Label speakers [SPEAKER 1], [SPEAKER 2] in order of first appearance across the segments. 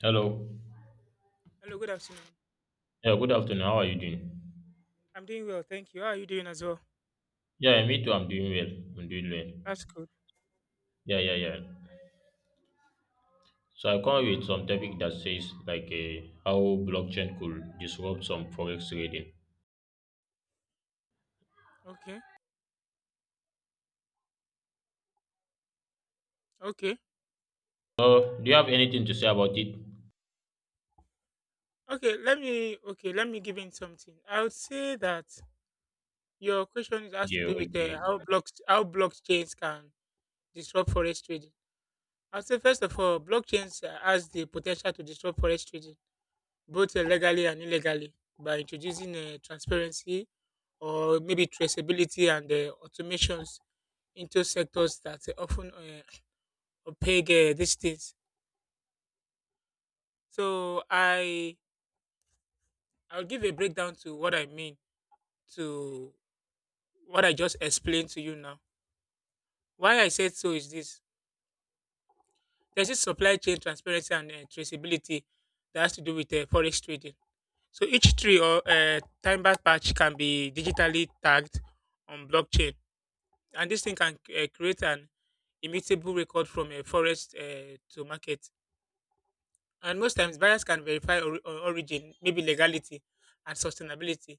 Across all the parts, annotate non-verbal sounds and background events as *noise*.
[SPEAKER 1] Hello.
[SPEAKER 2] Hello, good afternoon.
[SPEAKER 1] Yeah, good afternoon. How are you doing?
[SPEAKER 2] I'm doing well, thank you. How are you doing as well?
[SPEAKER 1] Yeah, me too. I'm doing well. I'm doing well.
[SPEAKER 2] That's good.
[SPEAKER 1] Yeah, yeah, yeah. So I come with some topic that says how blockchain could disrupt some forex trading.
[SPEAKER 2] Okay, okay,
[SPEAKER 1] So do you have anything to say about it?
[SPEAKER 2] okay. Let me give in something. I would say that your question has to
[SPEAKER 1] Yeah,
[SPEAKER 2] do with
[SPEAKER 1] okay.
[SPEAKER 2] how blockchains can disrupt forex trading. I'd say first of all, blockchains has the potential to disrupt forex trading both legally and illegally by introducing transparency or maybe traceability and automations into sectors that often *clears throat* opaque these days. So I I'll give a breakdown to what I mean to what I just explained to you now. Why I said so is this, there's this supply chain transparency and traceability that has to do with forex trading. So each tree or timber patch can be digitally tagged on blockchain, and this thing can create an immutable record from a forest to market. And most times, buyers can verify or origin, maybe legality and sustainability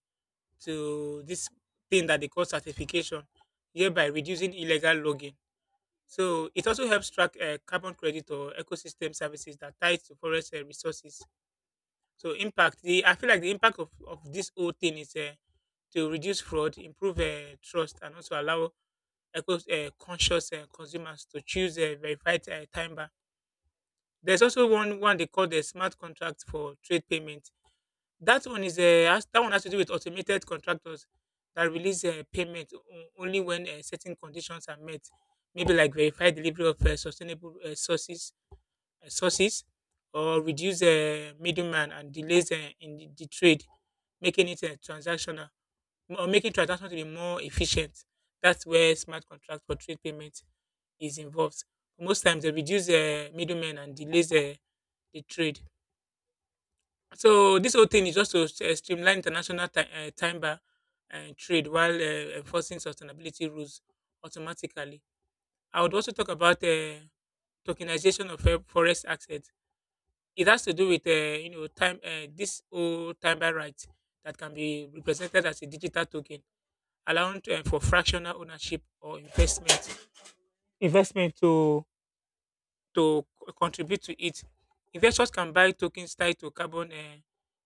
[SPEAKER 2] to this thing that they call certification, hereby reducing illegal logging. So it also helps track carbon credit or ecosystem services that ties to forest resources. So impact, I feel like the impact of this whole thing is to reduce fraud, improve trust, and also allow eco conscious consumers to choose a verified timer. There's also one they call the smart contract for trade payment. That one has to do with automated contractors that release payment only when certain conditions are met, maybe like verified delivery of sustainable sources, or reduce middleman and delays in the trade, making it transactional or making transactions to be more efficient. That's where smart contract for trade payment is involved. Most times, they reduce middlemen and delays the trade. So this whole thing is just to streamline international timber and trade while enforcing sustainability rules automatically. I would also talk about tokenization of forest assets. It has to do with you know time this whole timber right that can be represented as a digital token, allowing for fractional ownership or investment contribute to it. Investors can buy tokens tied to carbon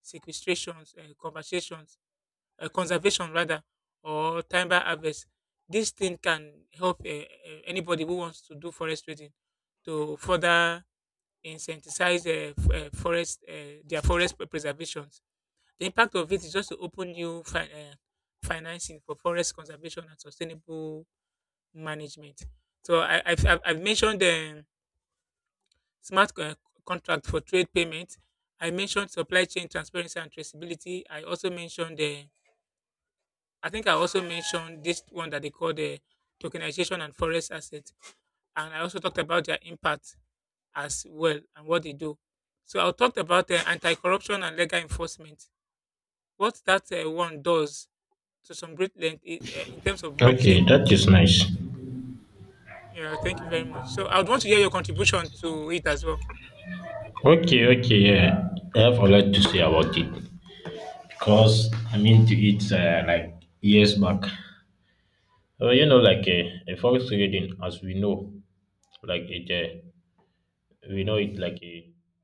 [SPEAKER 2] sequestrations, conversations conservation rather, or timber harvest. This thing can help anybody who wants to do forest trading to further incentivize f- forest their forest preservations. The impact of it is just to open new financing for forest conservation and sustainable management. So I, I've mentioned the smart co- contract for trade payment. I mentioned supply chain transparency and traceability. I think I also mentioned this one that they call the tokenization and forest asset. And I also talked about their impact as well and what they do. So I talked about anti-corruption and legal enforcement. What that one does to some great length in terms of
[SPEAKER 1] Okay,
[SPEAKER 2] blockchain.
[SPEAKER 1] that is nice.
[SPEAKER 2] Yeah, thank you very much. So I would want to hear your contribution to it as well.
[SPEAKER 1] Okay, okay, yeah. I have a lot to say about it because I'm into it like years back. You know, a forex trading, as we know, like it we know it like a,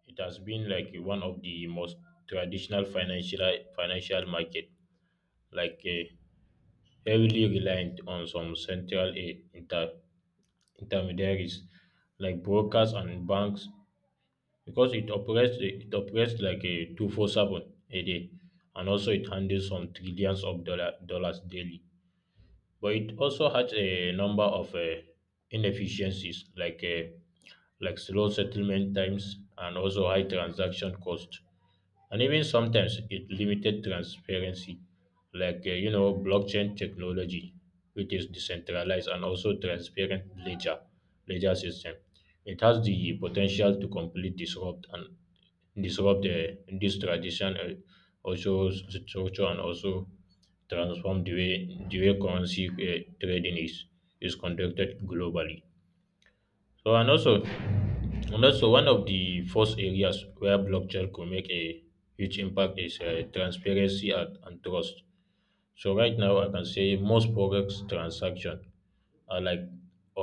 [SPEAKER 1] it has been like a- one of the most traditional financial market like a heavily reliant on some central a intermediaries like brokers and banks because it operates like a 24/7 a day, and also it handles some trillions of dollars daily, but it also has a number of inefficiencies like slow settlement times and also high transaction cost, and even sometimes it limited transparency, you know, blockchain technology, which is decentralized and also transparent ledger system, it has the potential to completely disrupt this tradition also structure, and also transform the way currency trading is conducted globally. So, and also one of the first areas where blockchain could make a huge impact is transparency and trust. So right now I can say most products transaction are like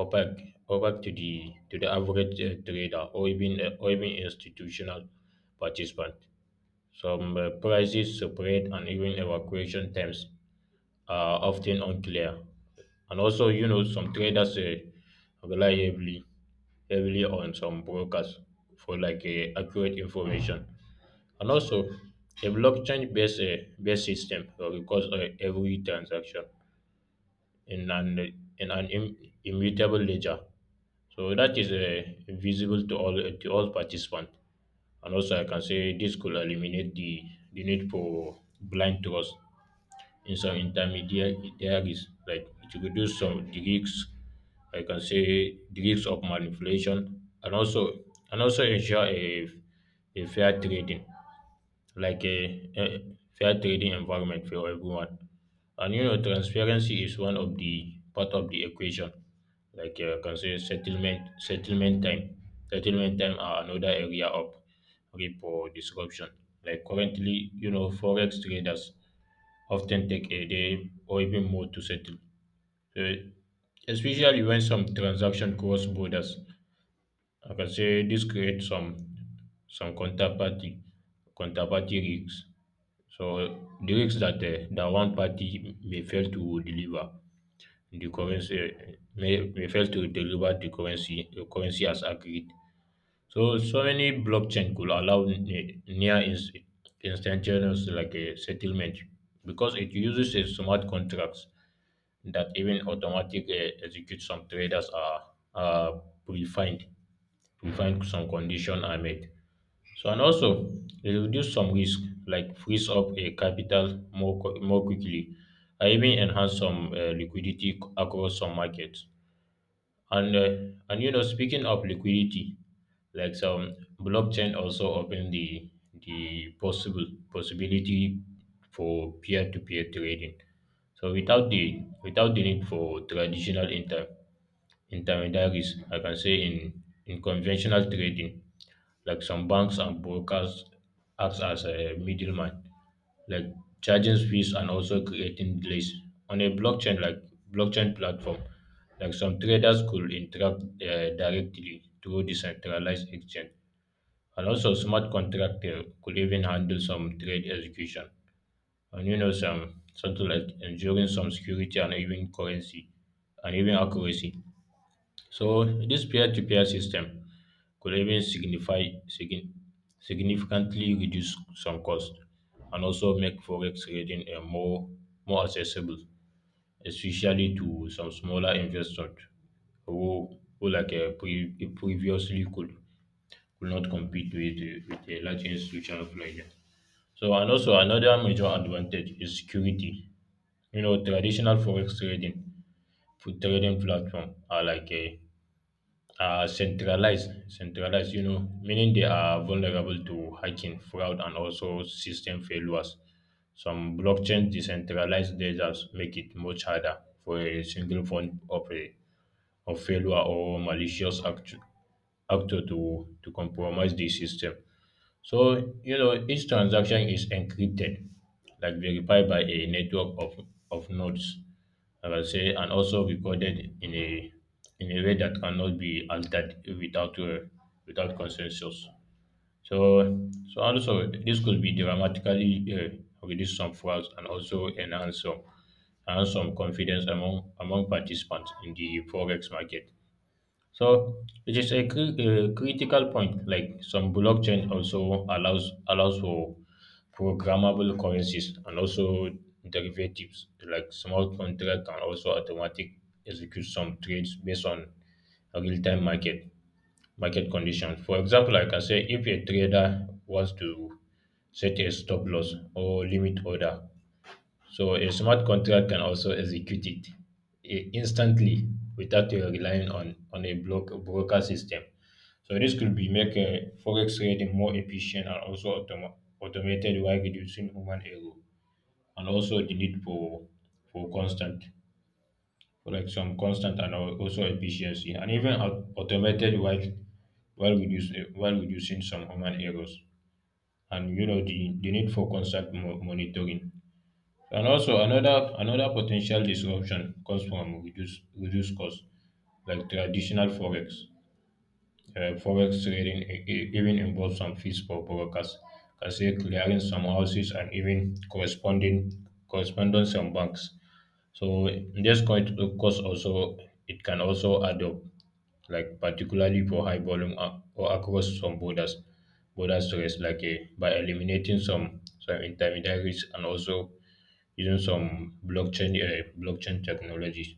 [SPEAKER 1] opaque to the average trader, or even institutional participant. Some prices, separate, and even evacuation terms are often unclear. And also, you know, some traders rely heavily on some brokers for accurate information. And also, a blockchain-based based system records every transaction in an in an immutable ledger. So that is visible to all participants. And also, I can say this could eliminate the need for blind trust in some intermediaries. Like it reduce some the risks, I can say the risks of manipulation, and also ensure a fair trading a fair trading environment for everyone. And you know, transparency is one of the part of the equation. Consider settlement time. Settlement time are another area of repo disruption. Like currently, you know, forex traders often take a day or even more to settle. So, especially when some transaction cross borders, I can say this creates some some counterparty counterparty risks. So the risks that that one party may fail to deliver the currency, may fail to deliver the currency as agreed. So so many blockchain could allow near instantaneous like a settlement because it uses a smart contracts that even automatic execute some traders are predefined. We find some condition are met. So and also they reduce some risk like freeze up a capital more quickly and even enhance some liquidity across some markets. And you know, speaking of liquidity, like some blockchain also open the possible possibility for peer to peer trading. So without the need for traditional intermediaries, I can say in conventional trading. Like some banks and brokers act as a middleman, like charging fees and also creating delays. On a blockchain blockchain platform, like some traders could interact directly through decentralized exchange. And also smart contract could even handle some trade execution. And you know some something like ensuring some security, and even currency, and even accuracy. So this peer-to-peer system could even significantly reduce some cost, and also make forex trading more accessible, especially to some smaller investors who previously could not compete with with a large institutional player. So and also another major advantage is security. You know, traditional forex trading platform are like a are centralized, you know, meaning they are vulnerable to hacking, fraud, and also system failures. Some blockchain decentralized ledgers make it much harder for a single form of a of failure or malicious actor to compromise the system. So, you know, each transaction is encrypted, like verified by a network of nodes, I will say, and also recorded in a way that cannot be altered without without consensus. So, so also this could be dramatically reduce some frauds, and also enhance some confidence among participants in the forex market. So it is a, a critical point. Like some blockchain also allows for programmable currencies, and also derivatives. Like small contract can also automatic execute some trades based on real time market conditions. For example, like I can say if a trader wants to set a stop loss or limit order, so a smart contract can also execute it instantly without you relying on a block broker system. So this could be make forex trading more efficient, and also automated, while reducing human error and also the need for constant for like some constant and al- also efficiency, and even automated, while reducing some human errors, and you know the need for constant monitoring. And also another potential disruption comes from reduced costs, like traditional forex. Forex trading even involves some fees for brokers, cashier clearing some houses, and even corresponding correspondence some banks. So this cost also it can also add up, like particularly for high volume or across some borders, border stress, by eliminating some intermediaries and also using some blockchain technologies.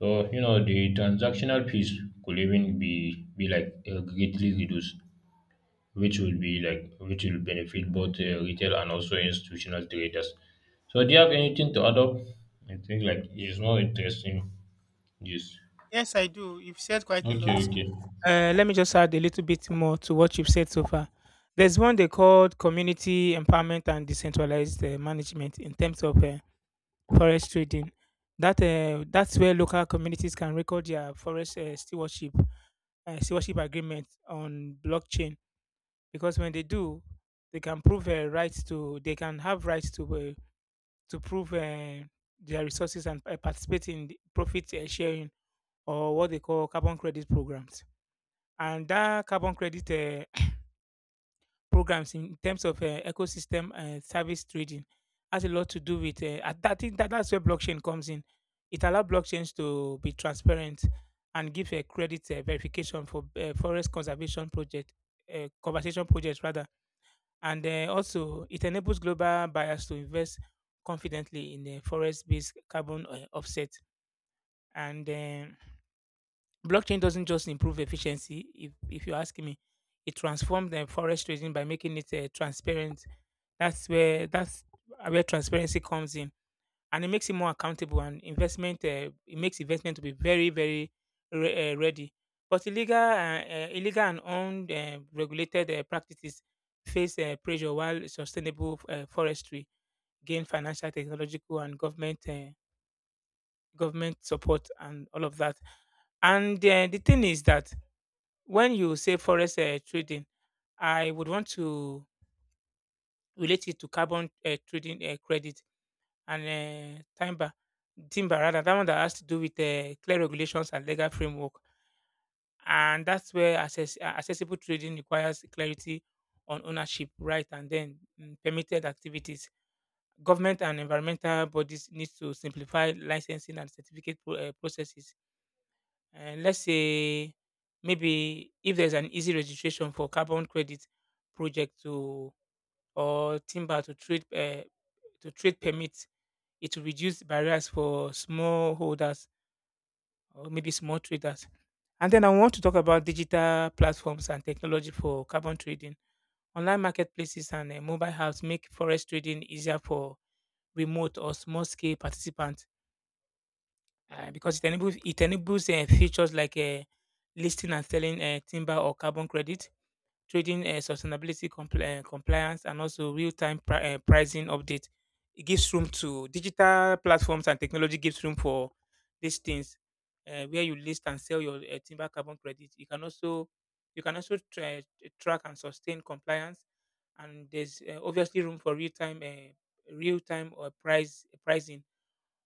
[SPEAKER 1] So you know the transactional fees could even be greatly reduced, which will be which will benefit both retail and also institutional traders. So do you have anything to add up? I think like it's more interesting. Yes.
[SPEAKER 2] Yes, I do. You've said quite a
[SPEAKER 1] Okay.
[SPEAKER 2] lot.
[SPEAKER 1] Okay.
[SPEAKER 2] Let me just add a little bit more to what you've said so far. There's one they called community empowerment and decentralized management in terms of forest trading. That's where local communities can record their forest stewardship agreement on blockchain, because when they do, they can have rights to prove their resources and participate in the profit sharing or what they call carbon credit programs. And that carbon credit programs in terms of ecosystem service trading has a lot to do with uh. I think that that's where blockchain comes in. It allows blockchains to be transparent and give a credit verification for conservation projects rather, and also it enables global buyers to invest confidently in the forest-based carbon offset. And Blockchain doesn't just improve efficiency. If you ask me, it transformed the forest trading by making it transparent. That's where transparency comes in, and it makes it more accountable. And investment, it makes investment to be very, very ready. But illegal and owned regulated practices face pressure, while sustainable forestry gain financial, technological, and government support and all of that. And the thing is that when you say forest trading, I would want to relate it to carbon trading credit and uh, timber, timber rather, that one that has to do with clear regulations and legal framework. And that's where accessible trading requires clarity on ownership, right, and then permitted activities. Government and environmental bodies need to simplify licensing and certificate processes. And let's say maybe if there's an easy registration for carbon credit project to or timber to trade permits, it will reduce barriers for small holders or maybe small traders. And then I want to talk about digital platforms and technology for carbon trading. Online marketplaces and mobile apps make forest trading easier for remote or small scale participants, because it enables features like listing and selling timber or carbon credits, trading sustainability compliance, and also pricing update. It gives room to digital platforms, and technology gives room for these things, where you list and sell your timber carbon credit. You can also track and sustain compliance, and there's obviously room for real-time real-time or price pricing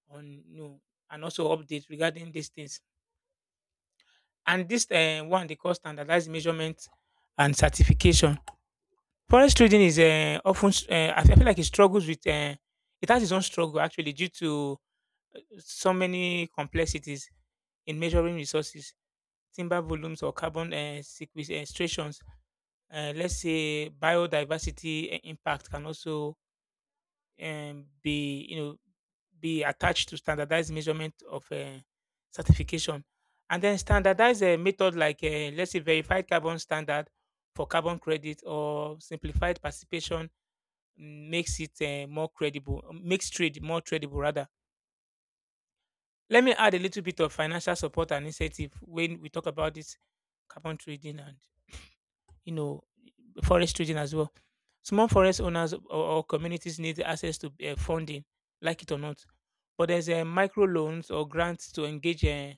[SPEAKER 2] on new and also updates regarding these things. And this one they call standardized measurement and certification. Forest trading is I feel like it struggles with, it has its own struggle actually due to so many complexities in measuring resources, timber volumes or carbon sequestrations. Let's say biodiversity impact can also be, you know, be attached to standardized measurement of certification. And then standardized method like, let's say, verified carbon standard for carbon credit or simplified participation makes it more credible, makes trade more tradable rather. Let me add a little bit of financial support and incentive when we talk about this carbon trading and, you know, forest trading as well. Small forest owners or communities need access to funding, like it or not. But there's micro loans or grants to engage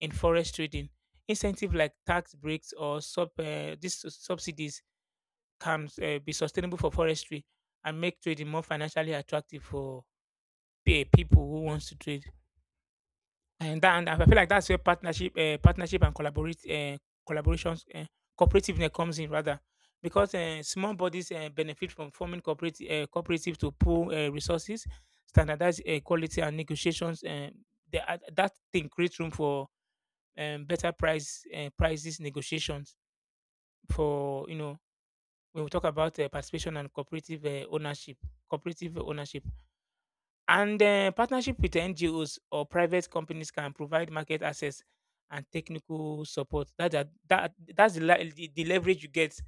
[SPEAKER 2] in forest trading. Incentive like tax breaks or sub these subsidies can be sustainable for forestry and make trading more financially attractive for people who wants to trade. And that, and I feel like that's where partnership and collaborations, cooperativeness comes in rather, because small bodies benefit from forming cooperative to pool resources, standardize quality and negotiations. That thing creates room for better prices negotiations for, you know, when we talk about participation and cooperative ownership. And partnership with NGOs or private companies can provide market access and technical support. That's the leverage you get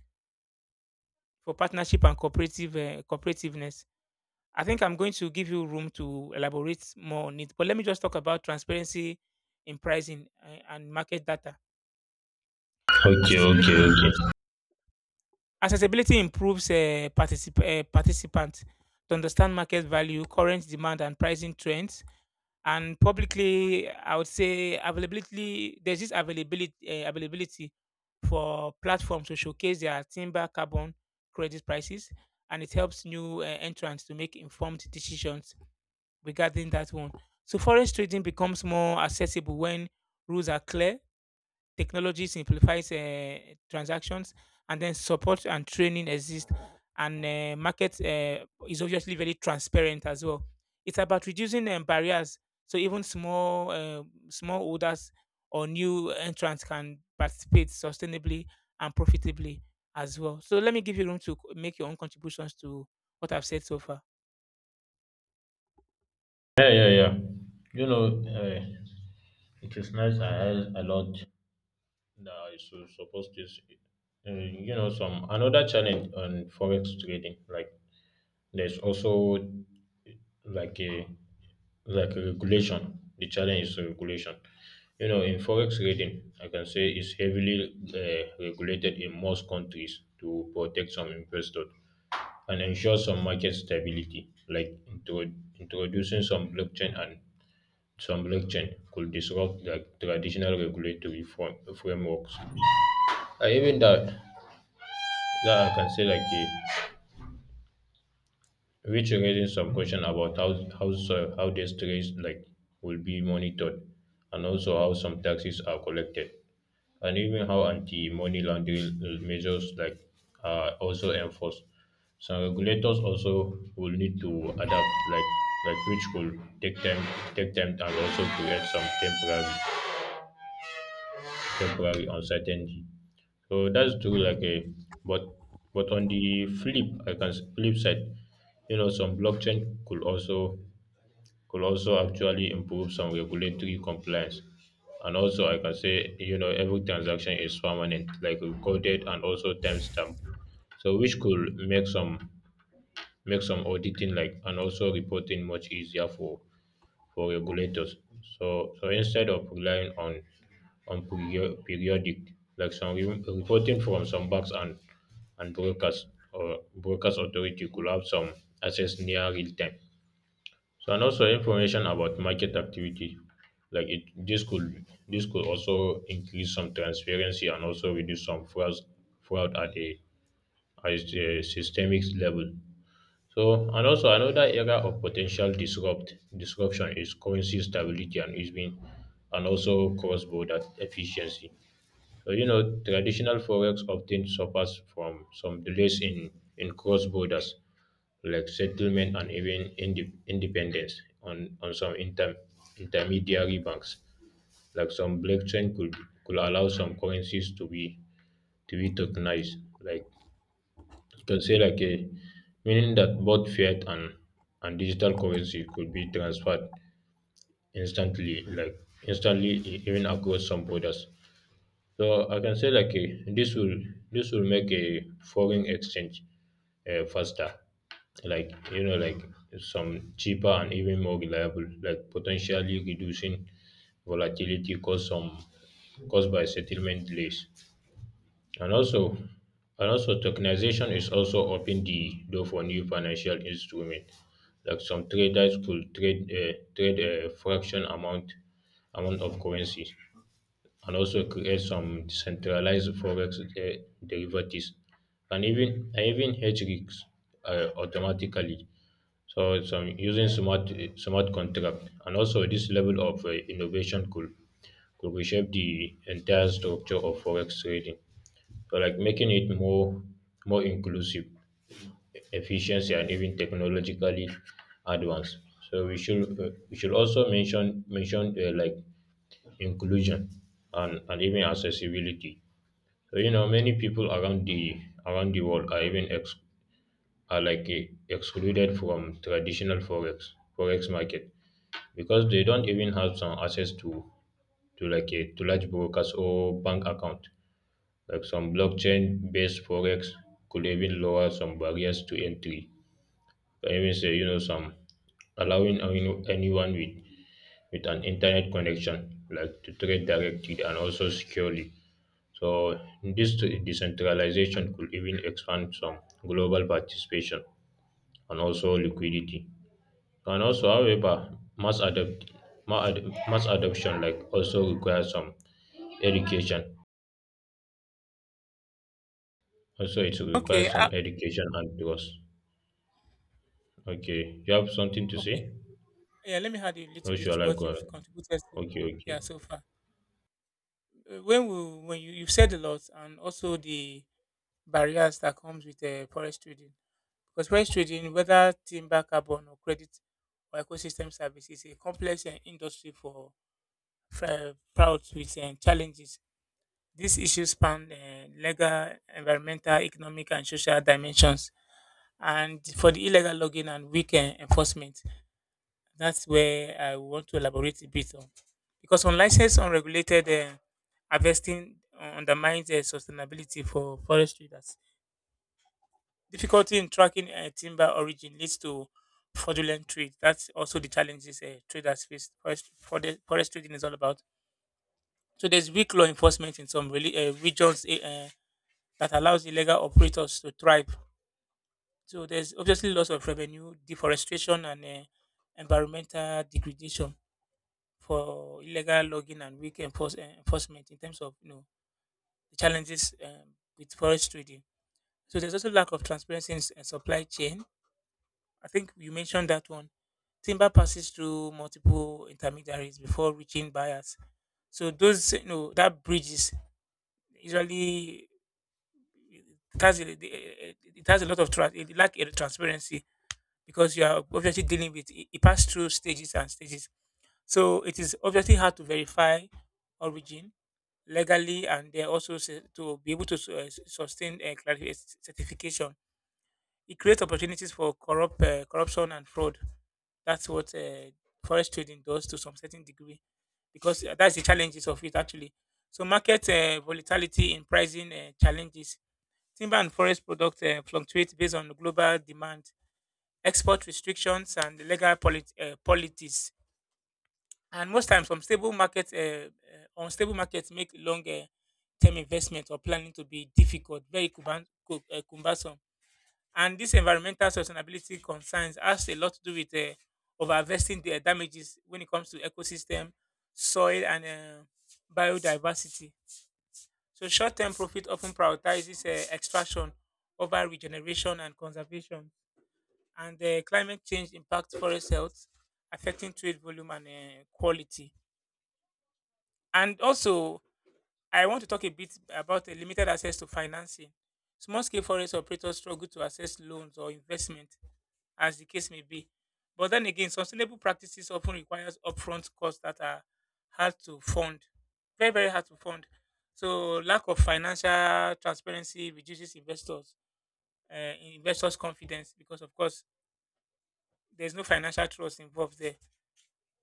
[SPEAKER 2] for partnership and cooperativeness. I think I'm going to give you room to elaborate more on it, but let me just talk about transparency in pricing and market data.
[SPEAKER 1] Okay. Okay.
[SPEAKER 2] Accessibility improves
[SPEAKER 1] Okay.
[SPEAKER 2] Accessibility improves participants to understand market value, current demand, and pricing trends. And publicly, I would say, availability there's this availability availability for platforms to showcase their timber carbon credit prices, and it helps new entrants to make informed decisions regarding that one. So forest trading becomes more accessible when rules are clear. Technology simplifies transactions, and then support and training exist, and market is obviously very transparent as well. It's about reducing barriers, so even small holders or new entrants can participate sustainably and profitably as well. So let me give you room to make your own contributions to what I've said so far.
[SPEAKER 1] Yeah. Yeah. Yeah. You know, it is nice. I heard a lot. No, it's supposed to. Uh, you know, some another challenge on forex trading. Like there's also like a like a regulation. The challenge is regulation. You know, in forex trading, I can say it's heavily regulated in most countries to protect some investors and ensure some market stability. Like introducing some blockchain and some blockchain could disrupt the traditional regulatory frameworks. And even that, that I can say which raises some question about how soil how this trace like will be monitored, and also how some taxes are collected, and even how anti-money laundering measures like are also enforced. Some regulators also will need to adapt like which will take time take time, and also create some temporary uncertainty. So that's true. Like a, but but on the flip, I can s- flip side, you know, some blockchain could also actually improve some regulatory compliance. And also, I can say, you know, every transaction is permanent, like recorded and also timestamped. So which could make some auditing like, and also reporting much easier for regulators. So, so instead of relying on periodic like some reporting from some banks and brokers, or brokers authority could have some access near real time. So and also information about market activity, like it this could also increase some transparency and also reduce some fraud at a systemic level. So and also another area of potential disruption is currency stability and easing, and also cross border efficiency. So you know traditional forex often suffers from some delays in cross borders like settlement, and even independence on some intermediary banks. Like some blockchain could allow some currencies to be tokenized, like you can say like a meaning that both fiat and digital currency could be transferred instantly, like instantly even across some borders. So I can say this will make a foreign exchange faster, like you know like some cheaper, and even more reliable, like potentially reducing volatility caused by settlement delays. And also, and also tokenization is also open the door for new financial instruments. Like some traders could trade a fraction amount of currency, and also create some decentralized forex derivatives, and even hedge risks automatically. So some using smart contract, and also this level of innovation could reshape the entire structure of forex trading. So like making it more inclusive, efficiency, and even technologically advanced. So we should also mention like inclusion, and even accessibility. So you know many people around the world are are like excluded from traditional forex market because they don't even have some access to like a to large brokers or bank account. Like some blockchain-based forex could even lower some barriers to entry. I even say, you know, some allowing anyone with an internet connection like to trade directly and also securely. So this decentralization could even expand some global participation and also liquidity. And also, however, mass adapt ma- ad- mass adoption like also requires some education. Also, it
[SPEAKER 2] Okay,
[SPEAKER 1] requires
[SPEAKER 2] uh,
[SPEAKER 1] some education and trust. Okay, you have something to
[SPEAKER 2] okay.
[SPEAKER 1] say?
[SPEAKER 2] Yeah, let me add a little
[SPEAKER 1] Or
[SPEAKER 2] bit to
[SPEAKER 1] shall I
[SPEAKER 2] what
[SPEAKER 1] go ahead?
[SPEAKER 2] you've contributed. To.
[SPEAKER 1] Okay,
[SPEAKER 2] Yeah,
[SPEAKER 1] okay.
[SPEAKER 2] so far. When you, you've said a lot, and also the barriers that comes with forest trading, because forest trading, whether timber, carbon, or credit or ecosystem service, is a complex industry for bouts with challenges. These issues span legal, environmental, economic, and social dimensions. And for the illegal logging and weak enforcement, that's where I want to elaborate a bit on. Because unlicensed, unregulated harvesting undermines the sustainability for forestry. That's difficulty in tracking timber origin leads to fraudulent trade. That's also the challenges traders face. Forest trading is all about. So there's weak law enforcement in some regions that allows illegal operators to thrive. So there's obviously loss of revenue, deforestation, and environmental degradation for illegal logging and enforcement in terms of the challenges with forest trading. So there's also lack of transparency in supply chain. I think you mentioned that one. Timber passes through multiple intermediaries before reaching buyers. So those, that bridges usually. It has a, it has a it lack a transparency, because you are obviously dealing with it, it passed through stages and stages. So it is obviously hard to verify origin legally, and they also to be able to sustain a certification. It creates opportunities for corruption and fraud. That's what forest trading does to some certain degree, because that's the challenges of it actually. So market volatility in pricing challenges. Timber and forest products fluctuate based on global demand, export restrictions, and politics. And most times, unstable markets make longer term investment or planning to be difficult, very cumbersome. Cumbersome. And this environmental sustainability concerns has a lot to do with overinvesting the damages when it comes to ecosystem, soil, and biodiversity. So short-term profit often prioritizes extraction over regeneration and conservation. And climate change impacts forest health, affecting trade volume and quality. And also, I want to talk a bit about the limited access to financing. Small-scale forest operators struggle to access loans or investment, as the case may be. But then again, sustainable practices often requires upfront costs that are hard to fund, very, very hard to fund. So lack of financial transparency reduces investors' confidence because, of course, there's no financial trust involved there.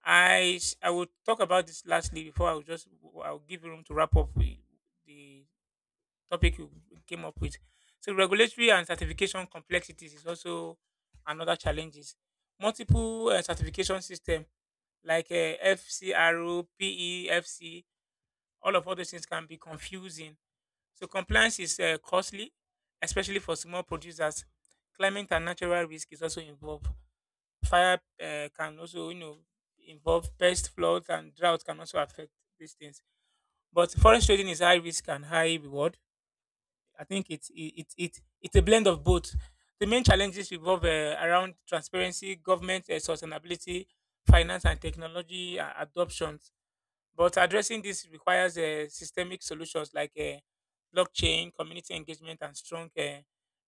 [SPEAKER 2] I will talk about this lastly before I'll give you room to wrap up with the topic you came up with. So regulatory and certification complexities is also another challenges. Multiple certification system like FCRO, PEFC, all of other things can be confusing. So compliance is costly, especially for small producers. Climate and natural risk is also involved. Fire can also, you know, involve pest, floods, and drought can also affect these things. But forest trading is high risk and high reward. I think it's it's a blend of both. The main challenges revolve around transparency, government sustainability, finance and technology adoptions. But addressing this requires systemic solutions like blockchain, community engagement, and strong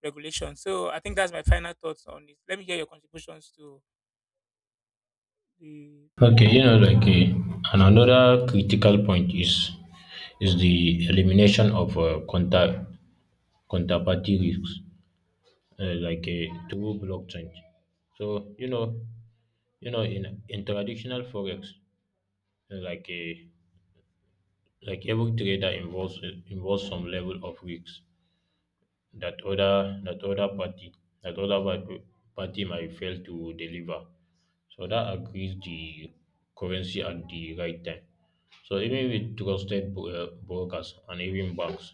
[SPEAKER 2] regulation. So I think that's my final thoughts on it. Let me hear your contributions to the.
[SPEAKER 1] Okay, you know, and another critical point is the elimination of counterparty risks, through blockchain. So you know, in traditional forex, uh, like uh, like every trader involves some level of risks. That other party that other par- party might fail to deliver. So that agrees the currency at the right time. So even with trusted brokers and even banks,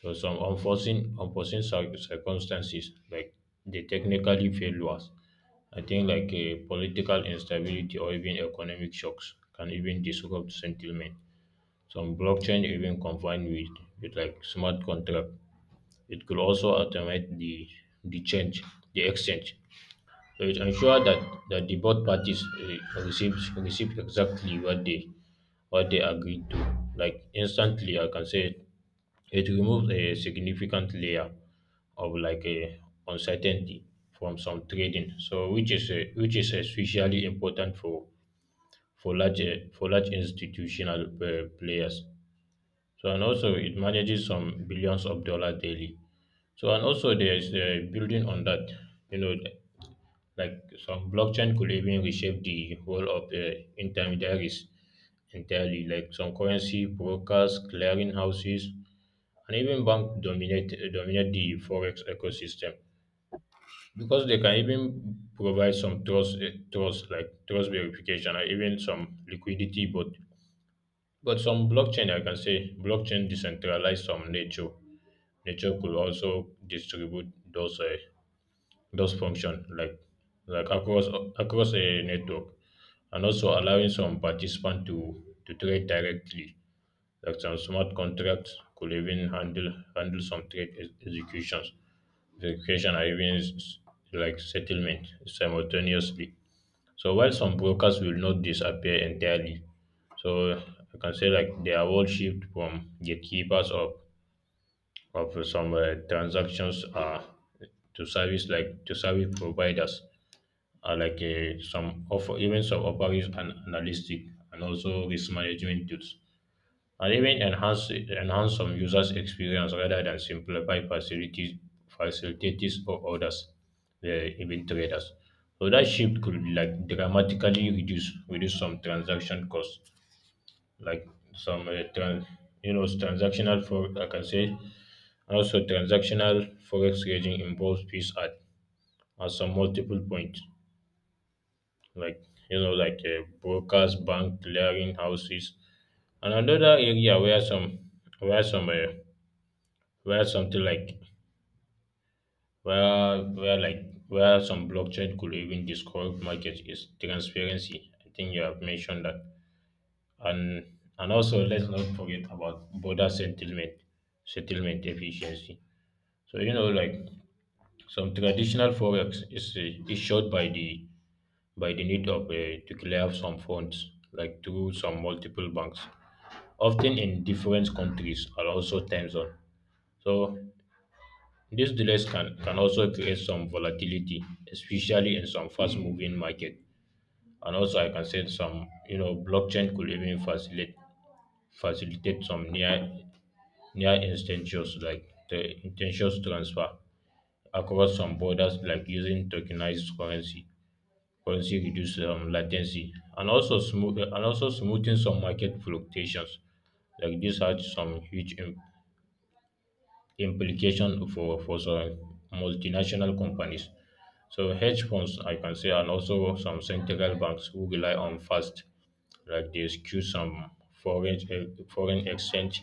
[SPEAKER 1] so some unforeseen circumstances like the technically failures, I think like political instability or even economic shocks can even disrupt sentiment. Some blockchain even combined with like smart contract. It could also automate the change, the exchange. So it ensures that, that the both parties receive exactly what they agreed to. Like instantly, I can say it, it removes a significant layer of like a uncertainty from some trading. So which is especially important for for large institutional players. So and also it manages some billions of dollars daily. So and also there's building on that, you know, like some blockchain could even reshape the whole of the intermediaries entirely, like some currency brokers, clearing houses, and even bank dominate the forex ecosystem because they can even provide some trust eh, trust like trust verification or even some liquidity, but some blockchain, I can say, blockchain decentralize some nature. Nature could also distribute those function like across a network, and also allowing some participant to trade directly. Like some smart contracts could even handle some trade executions, verification, and even settlement simultaneously so while some brokers will not disappear entirely, so I can say like their role shift from gatekeepers of some transactions to service providers are like some offer and analytic and also risk management tools and even enhance some users' experience rather than simplify facilities facilitators or others, the even traders. So that shift could like dramatically reduce some transaction costs, like some trans, you know transactional for I can say also transactional forex trading involves fees at some multiple points, like brokers, bank, clearing houses, and another area where some where some where something like where like where some blockchain could even describe market is transparency. I think you have mentioned that, and and also let's not forget about border settlement efficiency. So you know like some traditional forex is short by the need of to clear some funds like through some multiple banks, often in different countries and also time zone. So these delays can also create some volatility, especially in some fast moving market. And also I can say some, you know, blockchain could even facilitate some near instantaneous like the intentions transfer across some borders like using tokenized currency. Currency reduce latency and also smoothing some market fluctuations. Like this had some huge implication for some multinational companies. So hedge funds I can say and also some central banks who rely on fast like they skew some foreign exchange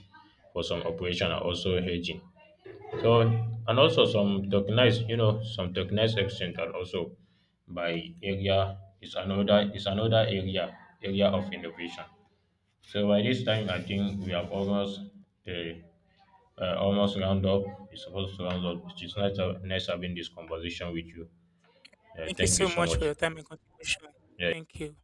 [SPEAKER 1] for some operation are also hedging. So and also some tokenized, you know, some tokenized exchange are also by area is another area area of innovation. So by this time I think we have almost uh, almost round up. It's supposed to round up. It's nice having this conversation with you.
[SPEAKER 2] Thank you
[SPEAKER 1] Thank you
[SPEAKER 2] so
[SPEAKER 1] so
[SPEAKER 2] much for
[SPEAKER 1] much.
[SPEAKER 2] your time and contribution. Thank you.